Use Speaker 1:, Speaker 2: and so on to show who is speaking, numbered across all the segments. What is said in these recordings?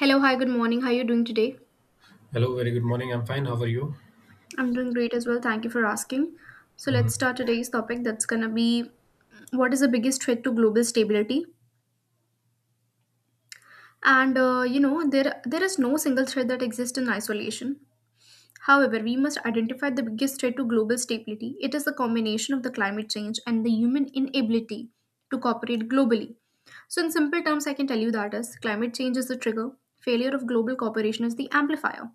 Speaker 1: Hello, hi, good morning. How are you doing today?
Speaker 2: Hello, very good morning. I'm fine. How are you?
Speaker 1: I'm doing great as well. Thank you for asking. So, let's
Speaker 2: Hmm.
Speaker 1: start today's topic. That's gonna be what is the biggest threat to global stability? There is no single threat that exists in isolation. However, we must identify the biggest threat to global stability. It is the combination of the climate change and the human inability to cooperate globally. So, in simple terms, I can tell you that is climate change is the trigger, failure of global cooperation is the amplifier.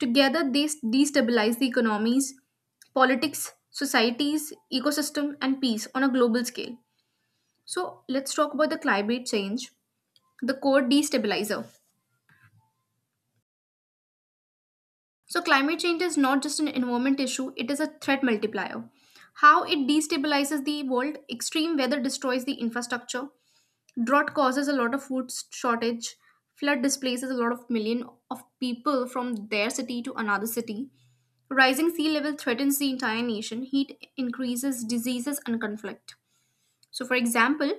Speaker 1: Together, destabilize the economies, politics, societies, ecosystem, and peace on a global scale. So, let's talk about the climate change, the core destabilizer. So, climate change is not just an environment issue, it is a threat multiplier. How it destabilizes the world, extreme weather destroys the infrastructure, drought causes a lot of food shortage. Flood displaces a lot of million of people from their city to another city. Rising sea level threatens the entire nation. Heat increases diseases and conflict. So, for example,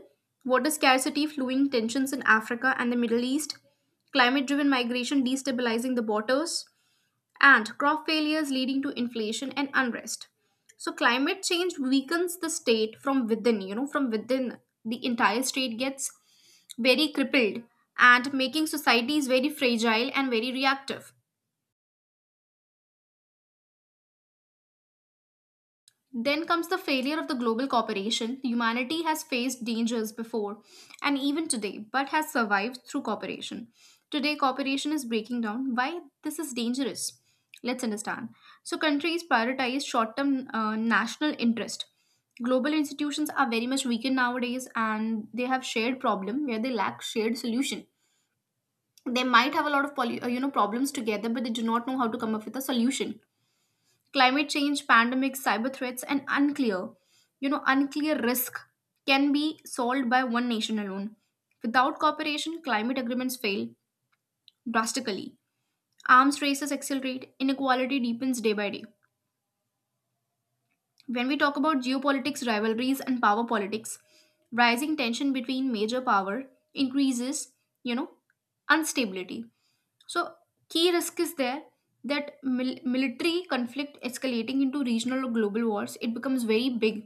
Speaker 1: water scarcity, flowing tensions in Africa and the Middle East, climate driven migration destabilizing the borders, and crop failures leading to inflation and unrest. So, climate change weakens the state from within, from within the entire state gets very crippled and making societies very fragile and very reactive. Then comes the failure of the global cooperation. Humanity has faced dangers before and even today, but has survived through cooperation. Today, cooperation is breaking down. Why this is dangerous? Let's understand. So, countries prioritize short term national interest. Global institutions are very much weakened nowadays and they have shared problem where they lack shared solution. They might have a lot of problems together, but they do not know how to come up with a solution, climate change, pandemics, cyber threats, and unclear you know unclear risk can be solved by one nation alone. Without cooperation, climate agreements fail drastically, arms races accelerate, inequality deepens day by day. When we talk about geopolitics, rivalries, and power politics, rising tension between major power increases, you know instability. So key risk is there that military conflict escalating into regional or global wars, it becomes very big.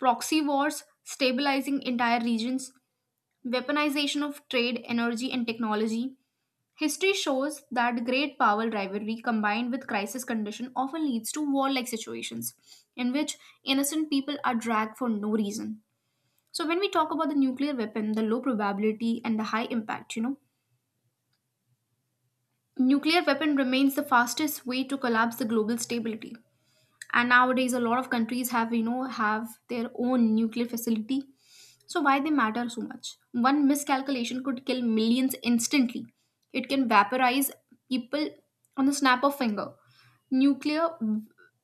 Speaker 1: Proxy wars stabilizing entire regions, weaponization of trade, energy, and technology. History shows that great power rivalry combined with crisis condition often leads to warlike situations in which innocent people are dragged for no reason. So when we talk about the nuclear weapon, the low probability and the high impact, nuclear weapon remains the fastest way to collapse the global stability, and nowadays a lot of countries have have their own nuclear facility. So why they matter so much, one miscalculation could kill millions instantly. It can vaporize people on the snap of finger. nuclear w-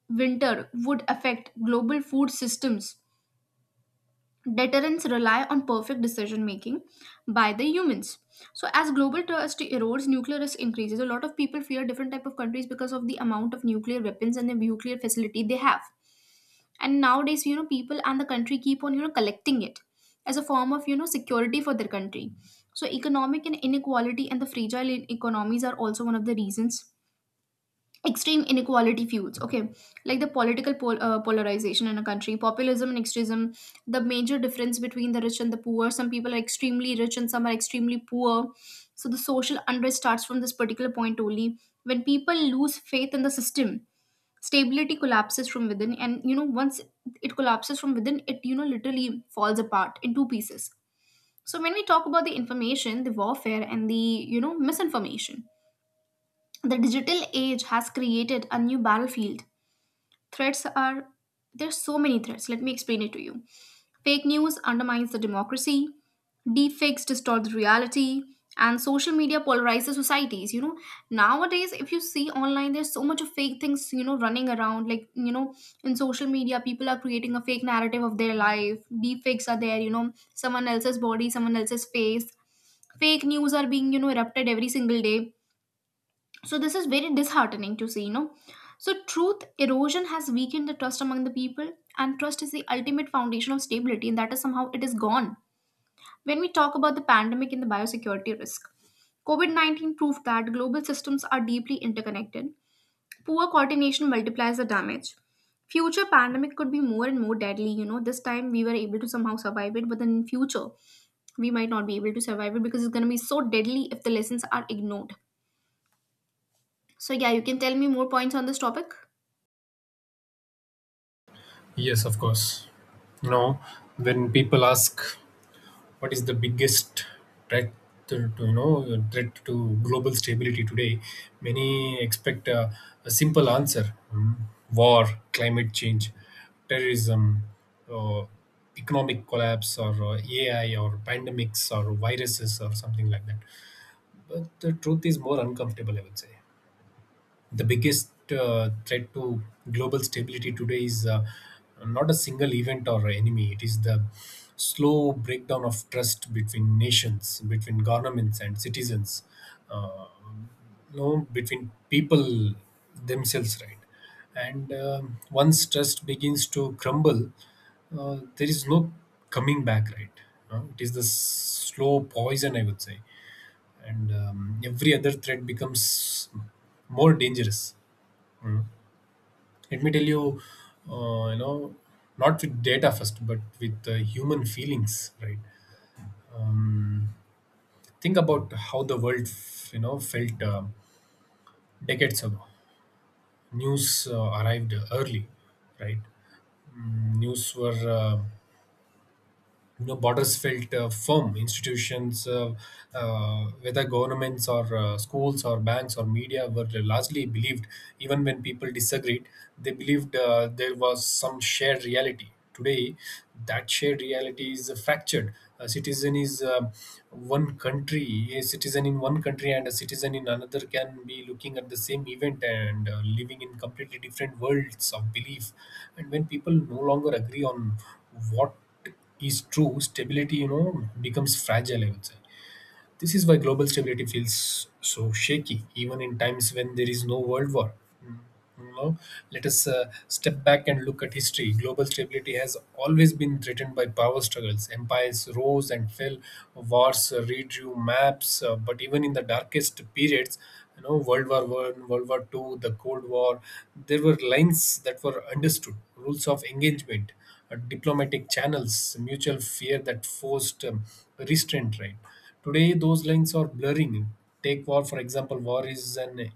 Speaker 1: winter would affect global food systems. Deterrence rely on perfect decision making by the humans. So as global trust erodes, nuclear risk increases. A lot of people fear different type of countries because of the amount of nuclear weapons and the nuclear facility they have. And nowadays, people and the country keep on collecting it as a form of security for their country. So economic and inequality and the economies are also one of the reasons. Extreme inequality fuels, okay, like the polarization in a country, populism, and extremism, the major difference between the rich and the poor. Some people are extremely rich and some are extremely poor. So the social unrest starts from this particular point only. When people lose faith in the system, stability collapses from within, and once it collapses from within, it literally falls apart in two pieces. So when we talk about the information, the warfare, and the misinformation, the digital age has created a new battlefield. Threats are, there's so many threats, let me explain it to you. Fake news undermines the democracy, deepfakes distort the reality, and social media polarizes societies. Nowadays, if you see online, there's so much of fake things, running around. Like, in social media, people are creating a fake narrative of their life. Deepfakes are there, someone else's body, someone else's face. Fake news are being, erupted every single day. So this is very disheartening to see. So truth erosion has weakened the trust among the people, and trust is the ultimate foundation of stability, and that is somehow it is gone. When we talk about the pandemic and the biosecurity risk, COVID 19 proved that global systems are deeply interconnected. Poor coordination multiplies the damage. Future pandemic could be more and more deadly. You know, this time we were able to somehow survive it, but then in future we might not be able to survive it because it's gonna be so deadly if the lessons are ignored. So yeah, you can tell me more points on this topic.
Speaker 2: Yes, of course. You know, when people ask what is the biggest threat you know threat to global stability today, many expect a simple answer: mm, war, climate change, terrorism, uh, economic collapse, or AI, or pandemics, or viruses, or something like that. But the truth is more uncomfortable, I would say. The biggest threat to global stability today is not a single event or enemy. It is the slow breakdown of trust between nations, between governments and citizens, uh, no, between people themselves, right? And Once trust begins to crumble, there is no coming back, right? It is the slow poison, I would say, and every other threat becomes more dangerous. Let me tell you, you know, not with data first but with human feelings, right? Think about how the world you know felt decades ago. News arrived early, right? News were you know, borders felt firm, institutions, whether governments or schools or banks or media were largely believed. Even when people disagreed, they believed there was some shared reality. Today, that shared reality is fractured. a citizen is uh, a citizen in one country and a citizen in another can be looking at the same event and living in completely different worlds of belief. And when people no longer agree on what is true, stability, you know, becomes fragile, I would say. This is why global stability feels so shaky, even in times when there is no world war. Mm, you know, let us step back and look at history. Global stability has always been threatened by power struggles. Empires rose and fell, wars redrew maps. But even in the darkest periods, you know, World War I, World War II, the Cold War, there were lines that were understood, rules of engagement, diplomatic channels, mutual fear that forced restraint, right? Today, those lines are blurring. Take war, for example. War is an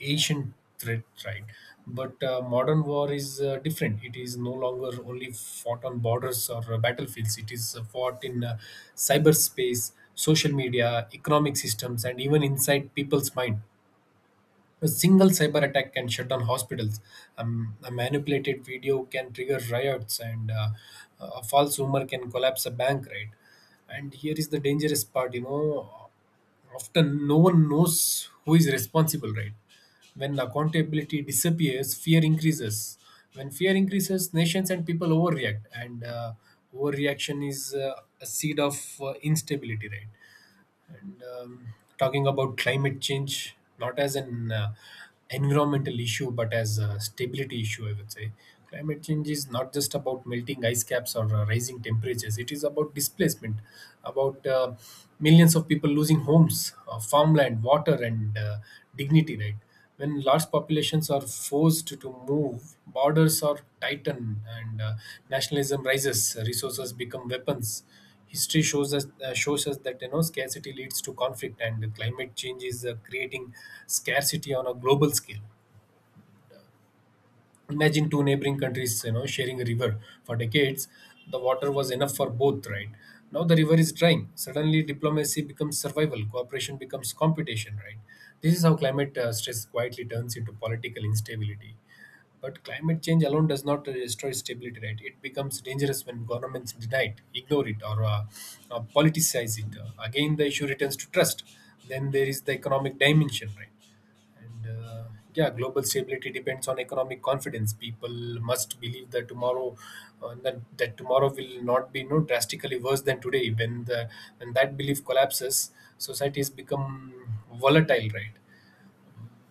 Speaker 2: ancient threat, right? But modern war is different. It is no longer only fought on borders or battlefields, it is fought in cyberspace, social media, economic systems, and even inside people's mind. A single cyber attack can shut down hospitals. A manipulated video can trigger riots, and a false rumor can collapse a bank, right? And here is the dangerous part, you know. Often, no one knows who is responsible, right? When accountability disappears, fear increases. When fear increases, nations and people overreact, and overreaction is a seed of instability, right? and Talking about climate change not as an environmental issue but as a stability issue, I would say climate change is not just about melting ice caps or rising temperatures, it is about displacement, about millions of people losing homes, farmland, water, and dignity, right? When large populations are forced to move, borders are tightened and nationalism rises, resources become weapons. History shows us that you know scarcity leads to conflict, and climate change is creating scarcity on a global scale. Imagine two neighboring countries, you know, sharing a river for decades. The water was enough for both, right? Now the river is drying. Suddenly diplomacy becomes survival, cooperation becomes competition, right? This is how climate stress quietly turns into political instability. But climate change alone does not destroy stability, right? It becomes dangerous when governments deny it, ignore it, or politicize it. Again the issue returns to trust. Then there is the economic dimension, right? and Yeah, global stability depends on economic confidence. People must believe that tomorrow, that, that tomorrow will not be no drastically worse than today. When that belief collapses, societies become volatile, right?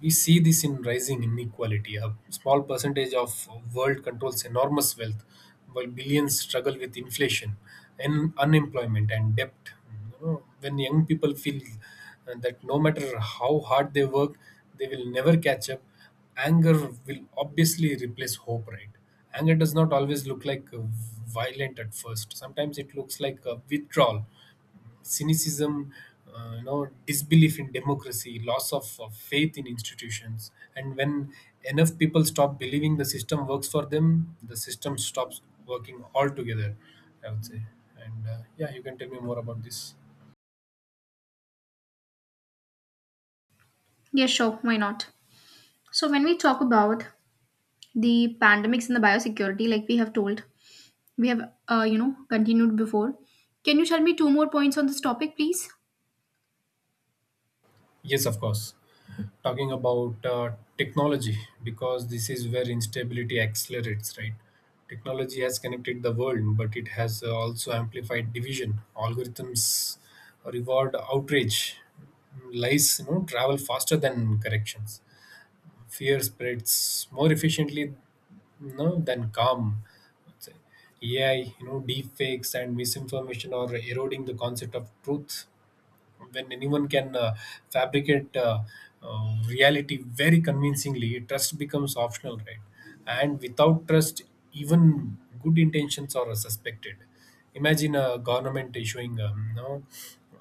Speaker 2: We see this in rising inequality. A small percentage of world controls enormous wealth, while billions struggle with inflation, and unemployment, and debt. You know, when young people feel that no matter how hard they work, they will never catch up. Anger will obviously replace hope, right? Anger does not always look like violent at first. Sometimes it looks like a withdrawal, cynicism, you know, disbelief in democracy, loss of faith in institutions. And when enough people stop believing the system works for them, the system stops working altogether, I would say. And yeah, you can tell me more about this.
Speaker 1: Yeah, sure. Why not? So when we talk about the pandemics and the biosecurity, like we have told, we have continued before. Can you tell me two more points on this topic, please?
Speaker 2: Yes, of course. Talking about technology, because this is where instability accelerates, right? Technology has connected the world, but it has also amplified division. Algorithms reward outrage, lies you know travel faster than corrections, fear spreads more efficiently, you know, than calm, I'd say. AI, you know, deep fakes and misinformation are eroding the concept of truth. When anyone can fabricate reality very convincingly, trust becomes optional, right? And without trust, even good intentions are suspected. Imagine a government issuing you know,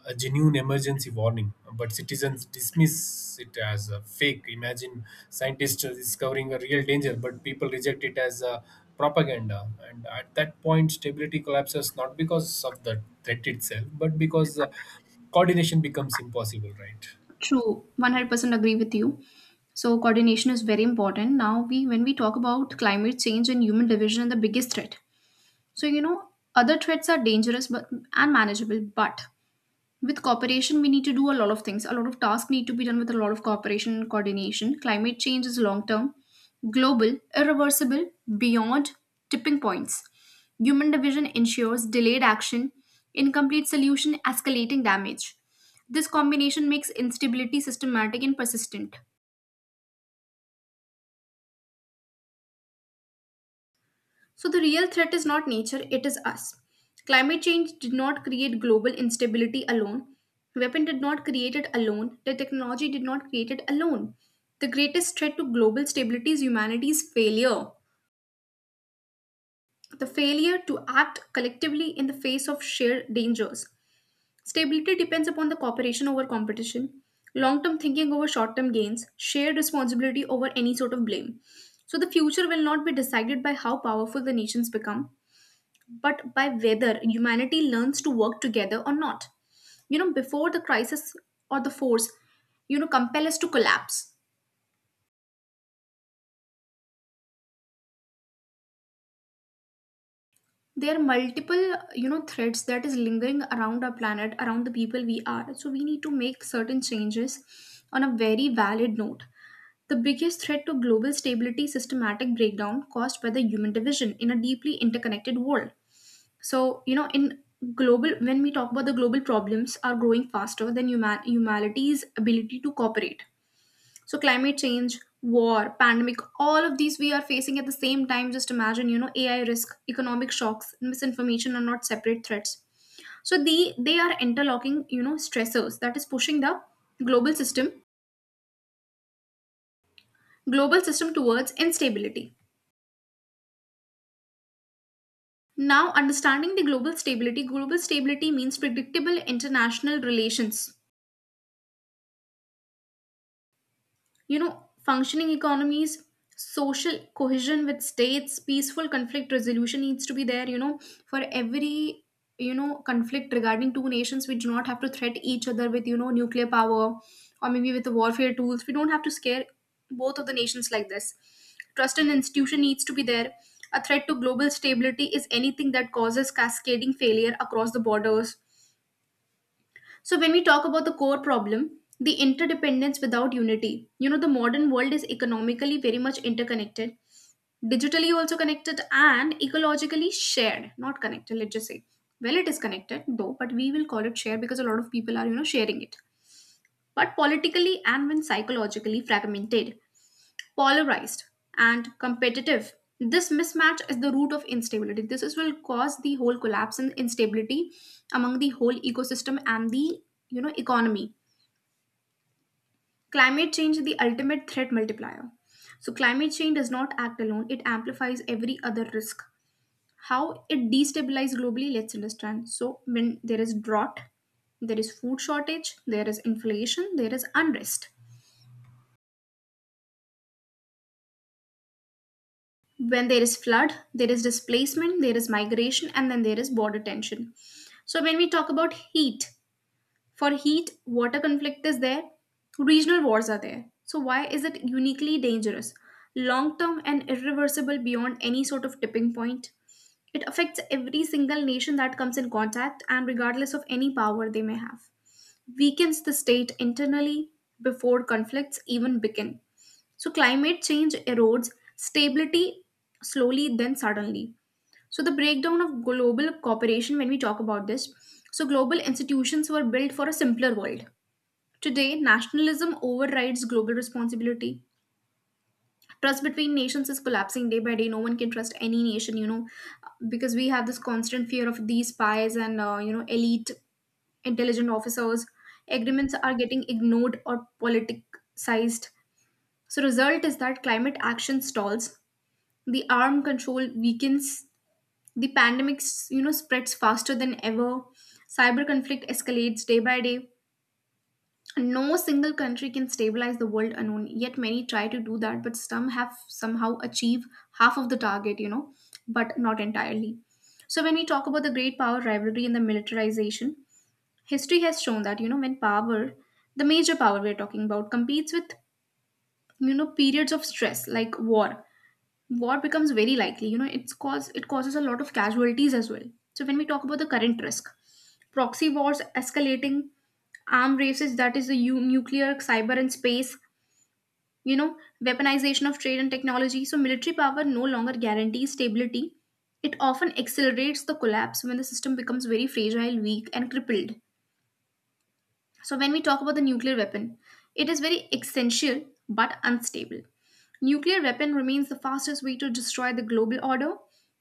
Speaker 2: a genuine emergency warning but citizens dismiss it as a fake. Imagine scientists discovering a real danger but people reject it as a propaganda. And at that point stability collapses, not because of the threat itself but because coordination becomes impossible, right?
Speaker 1: True, 100% agree with you. So coordination is very important. Now we when we talk about climate change and human division, and the biggest threat. So other threats are dangerous but and manageable, but with cooperation we need to do a lot of things, a lot of tasks need to be done with a lot of cooperation and coordination. Climate change is long term, global, irreversible, beyond tipping points. Human division ensures delayed action, incomplete solution, escalating damage. This combination makes instability systematic and persistent. So the real threat is not nature, it is us. Climate change did not create global instability alone. Weapon did not create it alone. The technology did not create it alone. The greatest threat to global stability is humanity's failure. The failure to act collectively in the face of shared dangers. Stability depends upon the cooperation over competition, long term thinking over short term gains, shared responsibility over any sort of blame. So the future will not be decided by how powerful the nations become, but by whether humanity learns to work together or not. You know, before the crisis or the force, compel us to collapse. There are multiple, threads that is lingering around our planet, around the people we are. So we need to make certain changes on a very valid note. The biggest threat to global stability is systematic breakdown caused by the human division in a deeply interconnected world. So, in global, when we talk about the global problems are growing faster than humanity's ability to cooperate. So, climate change, war, pandemic, all of these we are facing at the same time. Just imagine, AI risk, economic shocks, misinformation are not separate threats. So, they are interlocking, stressors that is pushing the global system, global system towards instability. Now, understanding the global stability means predictable international relations, functioning economies, social cohesion with states, peaceful conflict resolution needs to be there, for every conflict regarding two nations. We do not have to threat each other with nuclear power, or maybe with the warfare tools. We don't have to scare both of the nations like this. Trust in institution needs to be there. A threat to global stability is anything that causes cascading failure across the borders. So, when we talk about the core problem, the interdependence without unity, the modern world is economically very much interconnected, digitally also connected, and ecologically shared, not connected, let's just say. Well, it is connected though, but we will call it shared because a lot of people are, sharing it. But politically and when psychologically fragmented, polarized, and competitive, this mismatch is the root of instability. This is will cause the whole collapse and instability among the whole ecosystem and the economy. Climate change is the ultimate threat multiplier. So climate change does not act alone, it amplifies every other risk. How it destabilizes globally, let's understand. So when there is drought, there is food shortage, there is inflation, there is unrest. When there is flood, there is displacement, there is migration, and then there is border tension. So when we talk about heat, for heat, water conflict is there, regional wars are there. So, why is it uniquely dangerous, long term, and irreversible beyond any sort of tipping point? It affects every single nation that comes in contact, and regardless of any power they may have, weakens the state internally before conflicts even begin. So, climate change erodes stability slowly, then suddenly. So, the breakdown of global cooperation, when we talk about this, so global institutions were built for a simpler world. Today, nationalism overrides global responsibility. Trust between nations is collapsing day by day. No one can trust any nation, you know, because we have this constant fear of these spies and, you know, elite intelligent officers. Agreements are getting ignored or politicized. So, result is that climate action stalls, the arm control weakens, the you know spreads faster than ever, cyber conflict escalates day by day. No single country can stabilize the world alone, yet many try to do that, but some have somehow achieve half of the target, you know, but not entirely. So when we talk about the great power rivalry and the militarization, history has shown that, you know, when power, the major power we're talking about competes with, you know, periods of stress like war, war becomes very likely, you know, it causes a lot of casualties as well. So when we talk about the current risk, proxy wars escalating, arm races, that is the nuclear, cyber and space, you know, weaponization of trade and technology. So military power no longer guarantees stability, it often accelerates the collapse when the system becomes very fragile, weak and crippled. So, when we talk about the nuclear weapon, it is very essential but unstable. Nuclear weapon remains the fastest way to destroy the global order.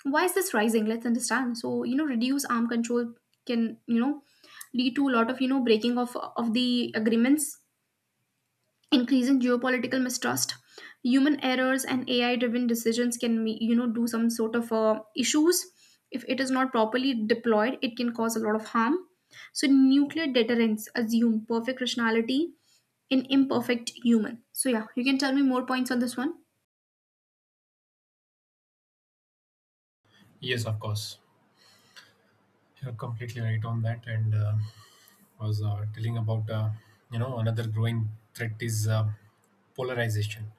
Speaker 1: Why is this rising? Let's understand. So, you know, reduce arm control can, you know, lead to a lot of, you know, breaking of the agreements, increasing geopolitical mistrust. Human errors and ai driven decisions can you know do some sort of issues. If it is not properly deployed, it can cause a lot of harm. So nuclear deterrence assume perfect rationality in imperfect human. So yeah, you can tell me more points on this one.
Speaker 2: Yes, of course. You're completely right on that. And I was telling about, you know, another growing threat is polarization.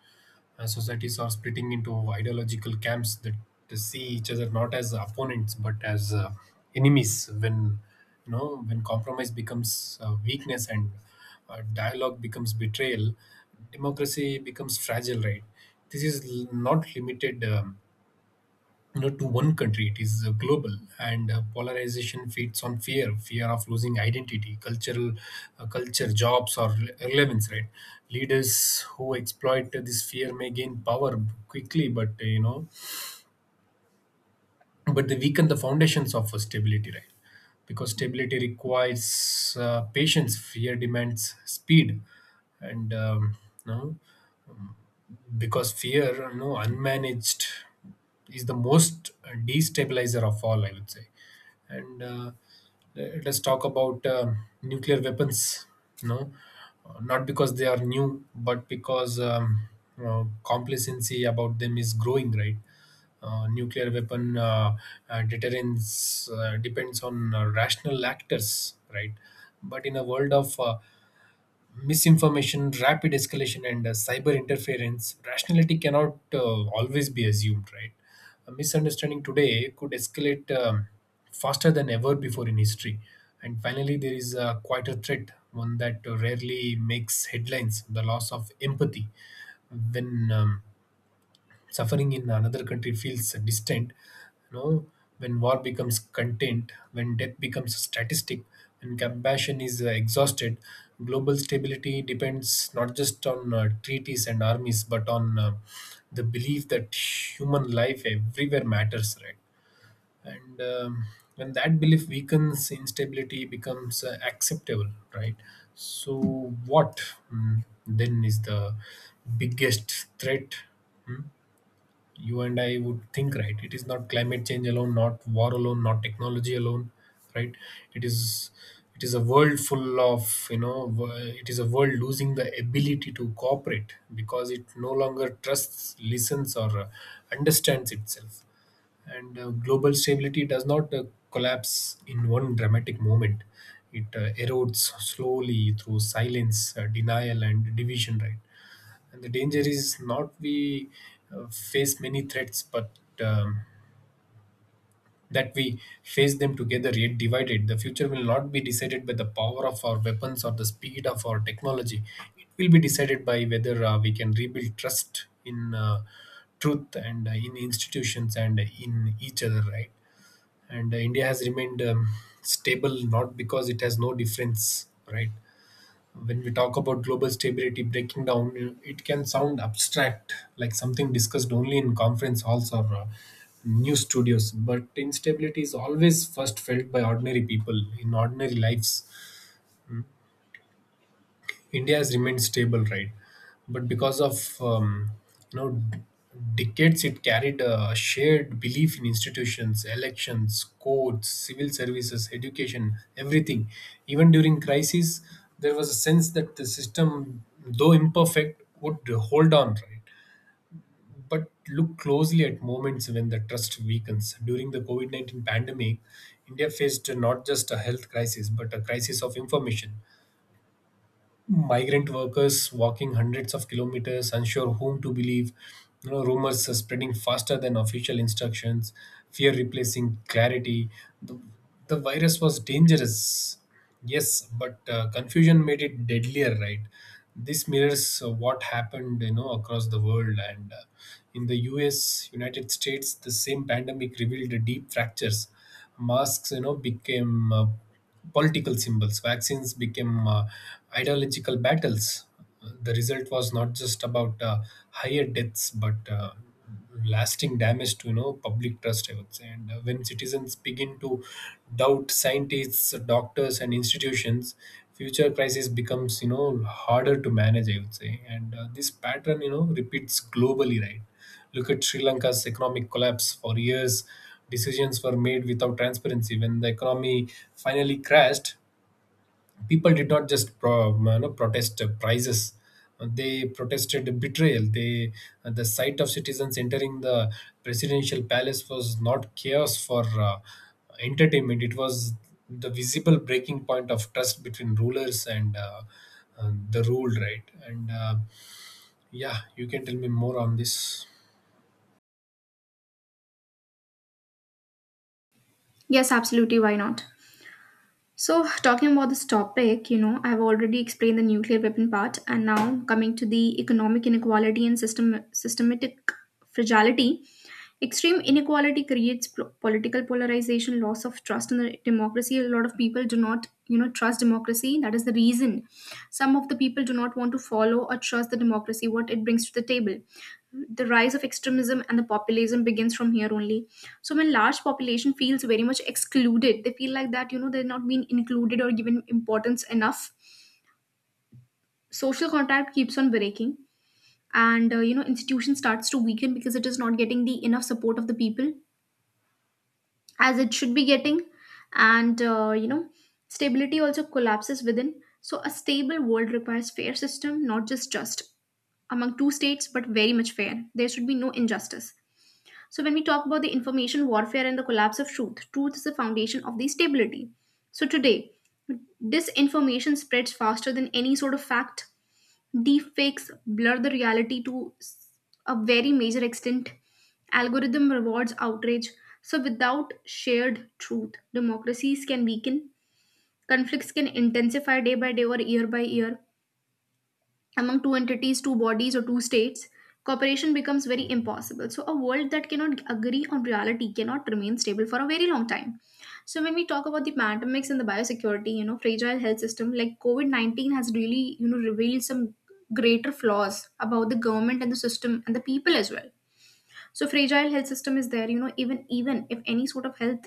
Speaker 2: Societies are splitting into ideological camps that see each other not as opponents but as enemies. When compromise becomes weakness and dialogue becomes betrayal, democracy becomes fragile, right? Not limited, you know, to one country, it is global. And polarization feeds on fear, fear of losing identity, cultural, culture, jobs, or relevance, right? Leaders who exploit this fear may gain power quickly, but but they weaken the foundations of stability, right? Because stability requires patience, fear demands speed. And no? Because fear, you know, unmanaged is the most destabilizer of all, I would say. And let us talk about nuclear weapons. No, not because they are new, but because you know, complacency about them is growing, right? Nuclear weapon deterrence depends on rational actors, right? But in a world of misinformation, rapid escalation, and cyber interference, rationality cannot always be assumed, right? A misunderstanding today could escalate faster than ever before in history. And finally, there is quite a quieter threat, one that rarely makes headlines: the loss of empathy. When Suffering in another country feels distant. You know, when war becomes content, when death becomes a statistic, when compassion is exhausted, global stability depends not just on treaties and armies, but on the belief that human life everywhere matters, right? and When that belief weakens, instability becomes acceptable, right? So what, then, is the biggest threat? Hmm? You and I would think, right? It is not climate change alone, not war alone, not technology alone, right? It is it is a world full of you know it is a world losing the ability to cooperate because it no longer trusts, listens, or understands itself. And global stability does not collapse in one dramatic moment, it erodes slowly through silence, denial, and division, right? And the danger is not we face many threats, but um, that we face them together yet divided. The future will not be decided by the power of our weapons or the speed of our technology, it will be decided by whether we can rebuild trust in truth and in institutions and in each other, right? And India has remained stable not because it has no difference, right? When we talk about global stability breaking down, you know, it can sound abstract, like something discussed only in conference halls or news studios. But instability is always first felt by ordinary people in ordinary lives. India has remained stable, right? But because of you know decades, it carried a shared belief in institutions, elections, courts, civil services, education, everything. Even during crises, there was a sense that the system, though imperfect, would hold on, right? But look closely at moments when the trust weakens. During the COVID 19 pandemic, India faced not just a health crisis, but a crisis of information. Migrant workers walking hundreds of kilometers, unsure whom to believe, you know, rumors are spreading faster than official instructions, fear replacing clarity. The, the virus was dangerous, yes, but confusion made it deadlier, right? This mirrors what happened, you know, across the world. And in the U.S., United States, the same pandemic revealed deep fractures. Masks, you know, became political symbols, vaccines became ideological battles. The result was not just about higher deaths but lasting damage to you know public trust, I would say. And when citizens begin to doubt scientists, doctors, and institutions, future crisis becomes you know harder to manage, I would say. And this pattern you know repeats globally, right? Look at Sri Lanka's economic collapse. For years, decisions were made without transparency. When the economy finally crashed, people did not just you know, protest prices. They protested betrayal. The sight of citizens entering the presidential palace was not chaos for entertainment. It was the visible breaking point of trust between rulers and the ruled, right? And yeah, you can tell me more on this.
Speaker 1: Yes, absolutely, why not? So, talking about this topic, you know, I've already explained the nuclear weapon part, and now coming to the economic inequality and system, systematic fragility. Extreme inequality creates political polarization, loss of trust in the democracy. A lot of people do not, you know, trust democracy. That is the reason some of the people do not want to follow or trust the democracy, what it brings to the table. The rise of extremism and the populism begins from here only. So when large population feels very much excluded, they feel like that, you know, they're not being included or given importance enough. Social contact keeps on breaking, and you know, institution starts to weaken because it is not getting the enough support of the people as it should be getting. And you know, stability also collapses within. So a stable world requires fair system, not just among two states, but very much fair. There should be no injustice. So when we talk about the information warfare and the collapse of truth, truth is the foundation of the stability. So today, disinformation spreads faster than any sort of fact. Deepfakes blur the reality to a very major extent. Algorithm rewards outrage. So without shared truth, democracies can weaken, conflicts can intensify day by day or year by year among two entities, two bodies, or two states, cooperation becomes very impossible. So, a world that cannot agree on reality cannot remain stable for a very long time. So, when we talk about the pandemics and the biosecurity, you know, fragile health system like COVID 19 has really, you know, revealed some greater flaws about the government and the system and the people as well. So, fragile health system is there, you know, even if any sort of health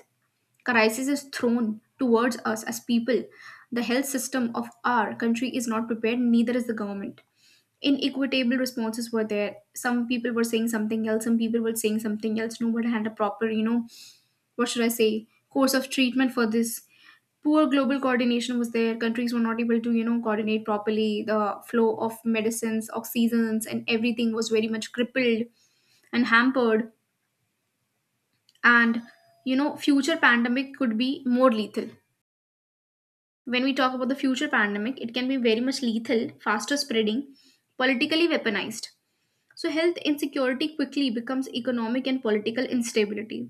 Speaker 1: crisis is thrown towards us as people, the health system of our country is not prepared, neither is the government. Inequitable responses were there. Some people were saying something else, some people were saying something else. Nobody had a proper, you know, what should I say, course of treatment for this. Poor global coordination was there. Countries were not able to, you know, coordinate properly. The flow of medicines, oxygens, and everything was very much crippled and hampered. And, you know, future pandemic could be more lethal. When we talk about the future pandemic, it can be very much lethal, faster spreading, politically weaponized. So, health insecurity quickly becomes economic and political instability.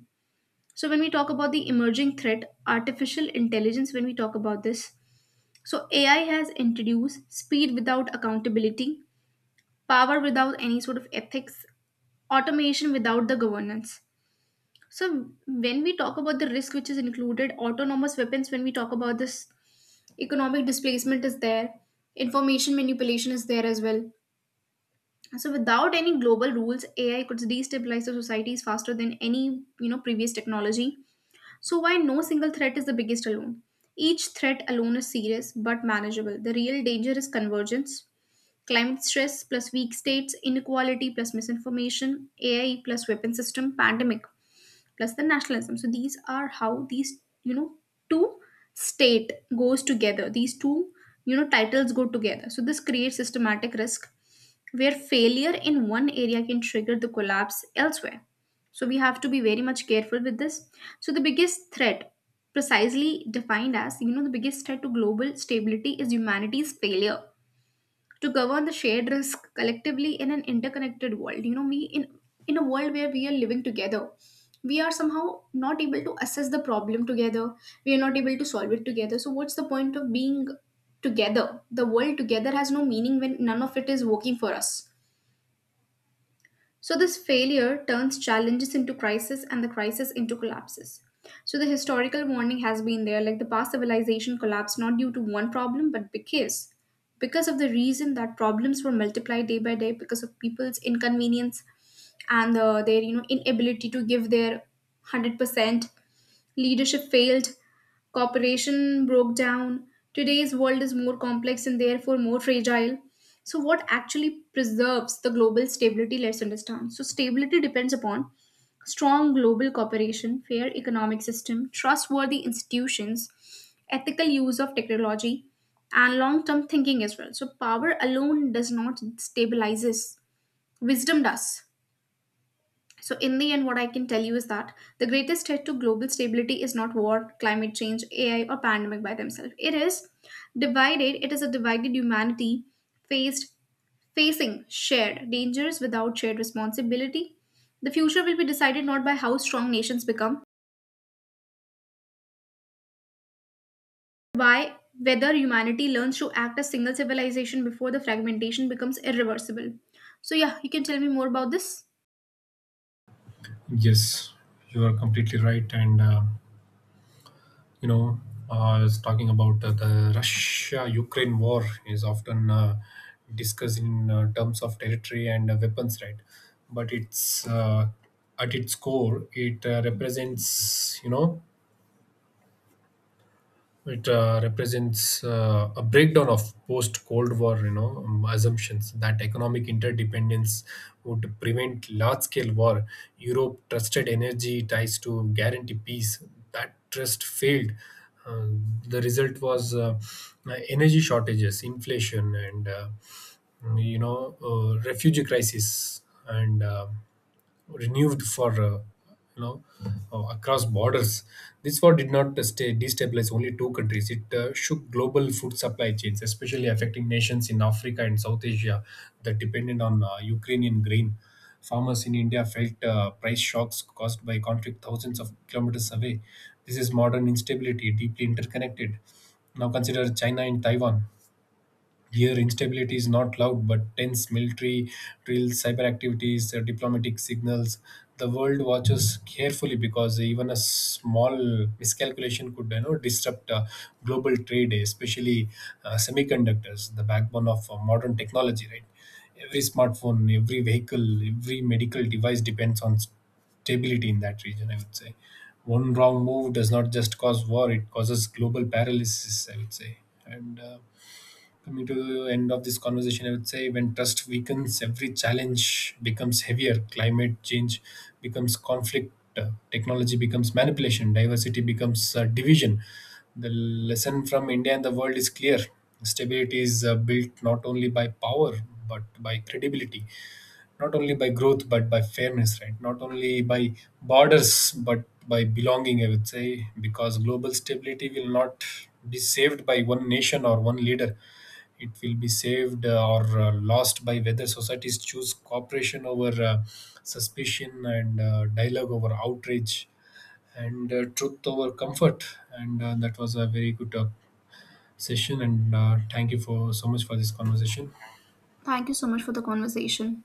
Speaker 1: So, when we talk about the emerging threat, artificial intelligence, when we talk about this, so AI has introduced speed without accountability, power without any sort of ethics, automation without the governance. So, when we talk about the risk which is included, autonomous weapons, when we talk about this, economic displacement is there, information manipulation is there as well. So without any global rules, AI could destabilize the societies faster than any, you know, previous technology. So why no single threat is the biggest alone? Each threat alone is serious but manageable. The real danger is convergence, climate stress plus weak states, inequality plus misinformation, AI plus weapon system, pandemic plus the nationalism. So these are how these, you know, two state goes together, these two, you know, titles go together. So this creates systematic risk where failure in one area can trigger the collapse elsewhere. So we have to be very much careful with this. So the biggest threat, precisely defined as, you know, the biggest threat to global stability is humanity's failure to govern the shared risk collectively in an interconnected world. You know, we in a world where we are living together, we are somehow not able to assess the problem together, we are not able to solve it together. So what's the point of being together? The world together has no meaning when none of it is working for us. So this failure turns challenges into crisis and the crisis into collapses. So the historical warning has been there, like the past civilization collapsed not due to one problem, but because of the reason that problems were multiplied day by day because of people's inconvenience and their, you know, inability to give their 100%. Leadership failed, cooperation broke down. Today's world is more complex and therefore more fragile. So what actually preserves the global stability, let's understand. So stability depends upon strong global cooperation, fair economic system, trustworthy institutions, ethical use of technology, and long-term thinking as well. So power alone does not stabilize us. Wisdom does. So in the end, what I can tell you is that the greatest threat to global stability is not war, climate change, AI, or pandemic by themselves. It is divided. It is a divided humanity faced Facing shared dangers without shared responsibility. The future will be decided not by how strong nations become, but by whether humanity learns to act as single civilization before the fragmentation becomes irreversible. So, yeah, you can tell me more about this.
Speaker 2: Yes, you are completely right. And, you know, I was talking about the Russia Ukraine war is often discussed in terms of territory and weapons, right? But it's at its core, it it represents a breakdown of post-Cold War, you know, assumptions that economic interdependence would prevent large-scale war. Europe trusted energy ties to guarantee peace. That trust failed. Uh, the result was energy shortages, inflation, and refugee crisis, and. Renewed for, you know across borders. This war did not stay destabilize only two countries. It shook global food supply chains, especially affecting nations in Africa and South Asia that depended on Ukrainian grain. Farmers in India felt price shocks caused by conflict thousands of kilometers away. This is modern instability, deeply interconnected. Now consider China and Taiwan. Here, instability is not loud but tense: military drills, cyber activities, diplomatic signals. The world watches carefully because even a small miscalculation could, you know, disrupt global trade, especially semiconductors, the backbone of modern technology, right? Every smartphone, every vehicle, every medical device depends on stability in that region, I would say. One wrong move does not just cause war, it causes global paralysis, I would say. And coming to the end of this conversation, I would say when trust weakens, every challenge becomes heavier. Climate change becomes conflict, technology becomes manipulation, diversity becomes division. The lesson from India and the world is clear. Stability is built not only by power but by credibility, not only by growth but by fairness, right? Not only by borders but by belonging, I would say, because global stability will not be saved by one nation or one leader, it will be saved or lost by whether societies choose cooperation over suspicion and dialogue over outrage and truth over comfort. And that was a very good session. And thank you for so much for this conversation.
Speaker 1: Thank you so much for the conversation.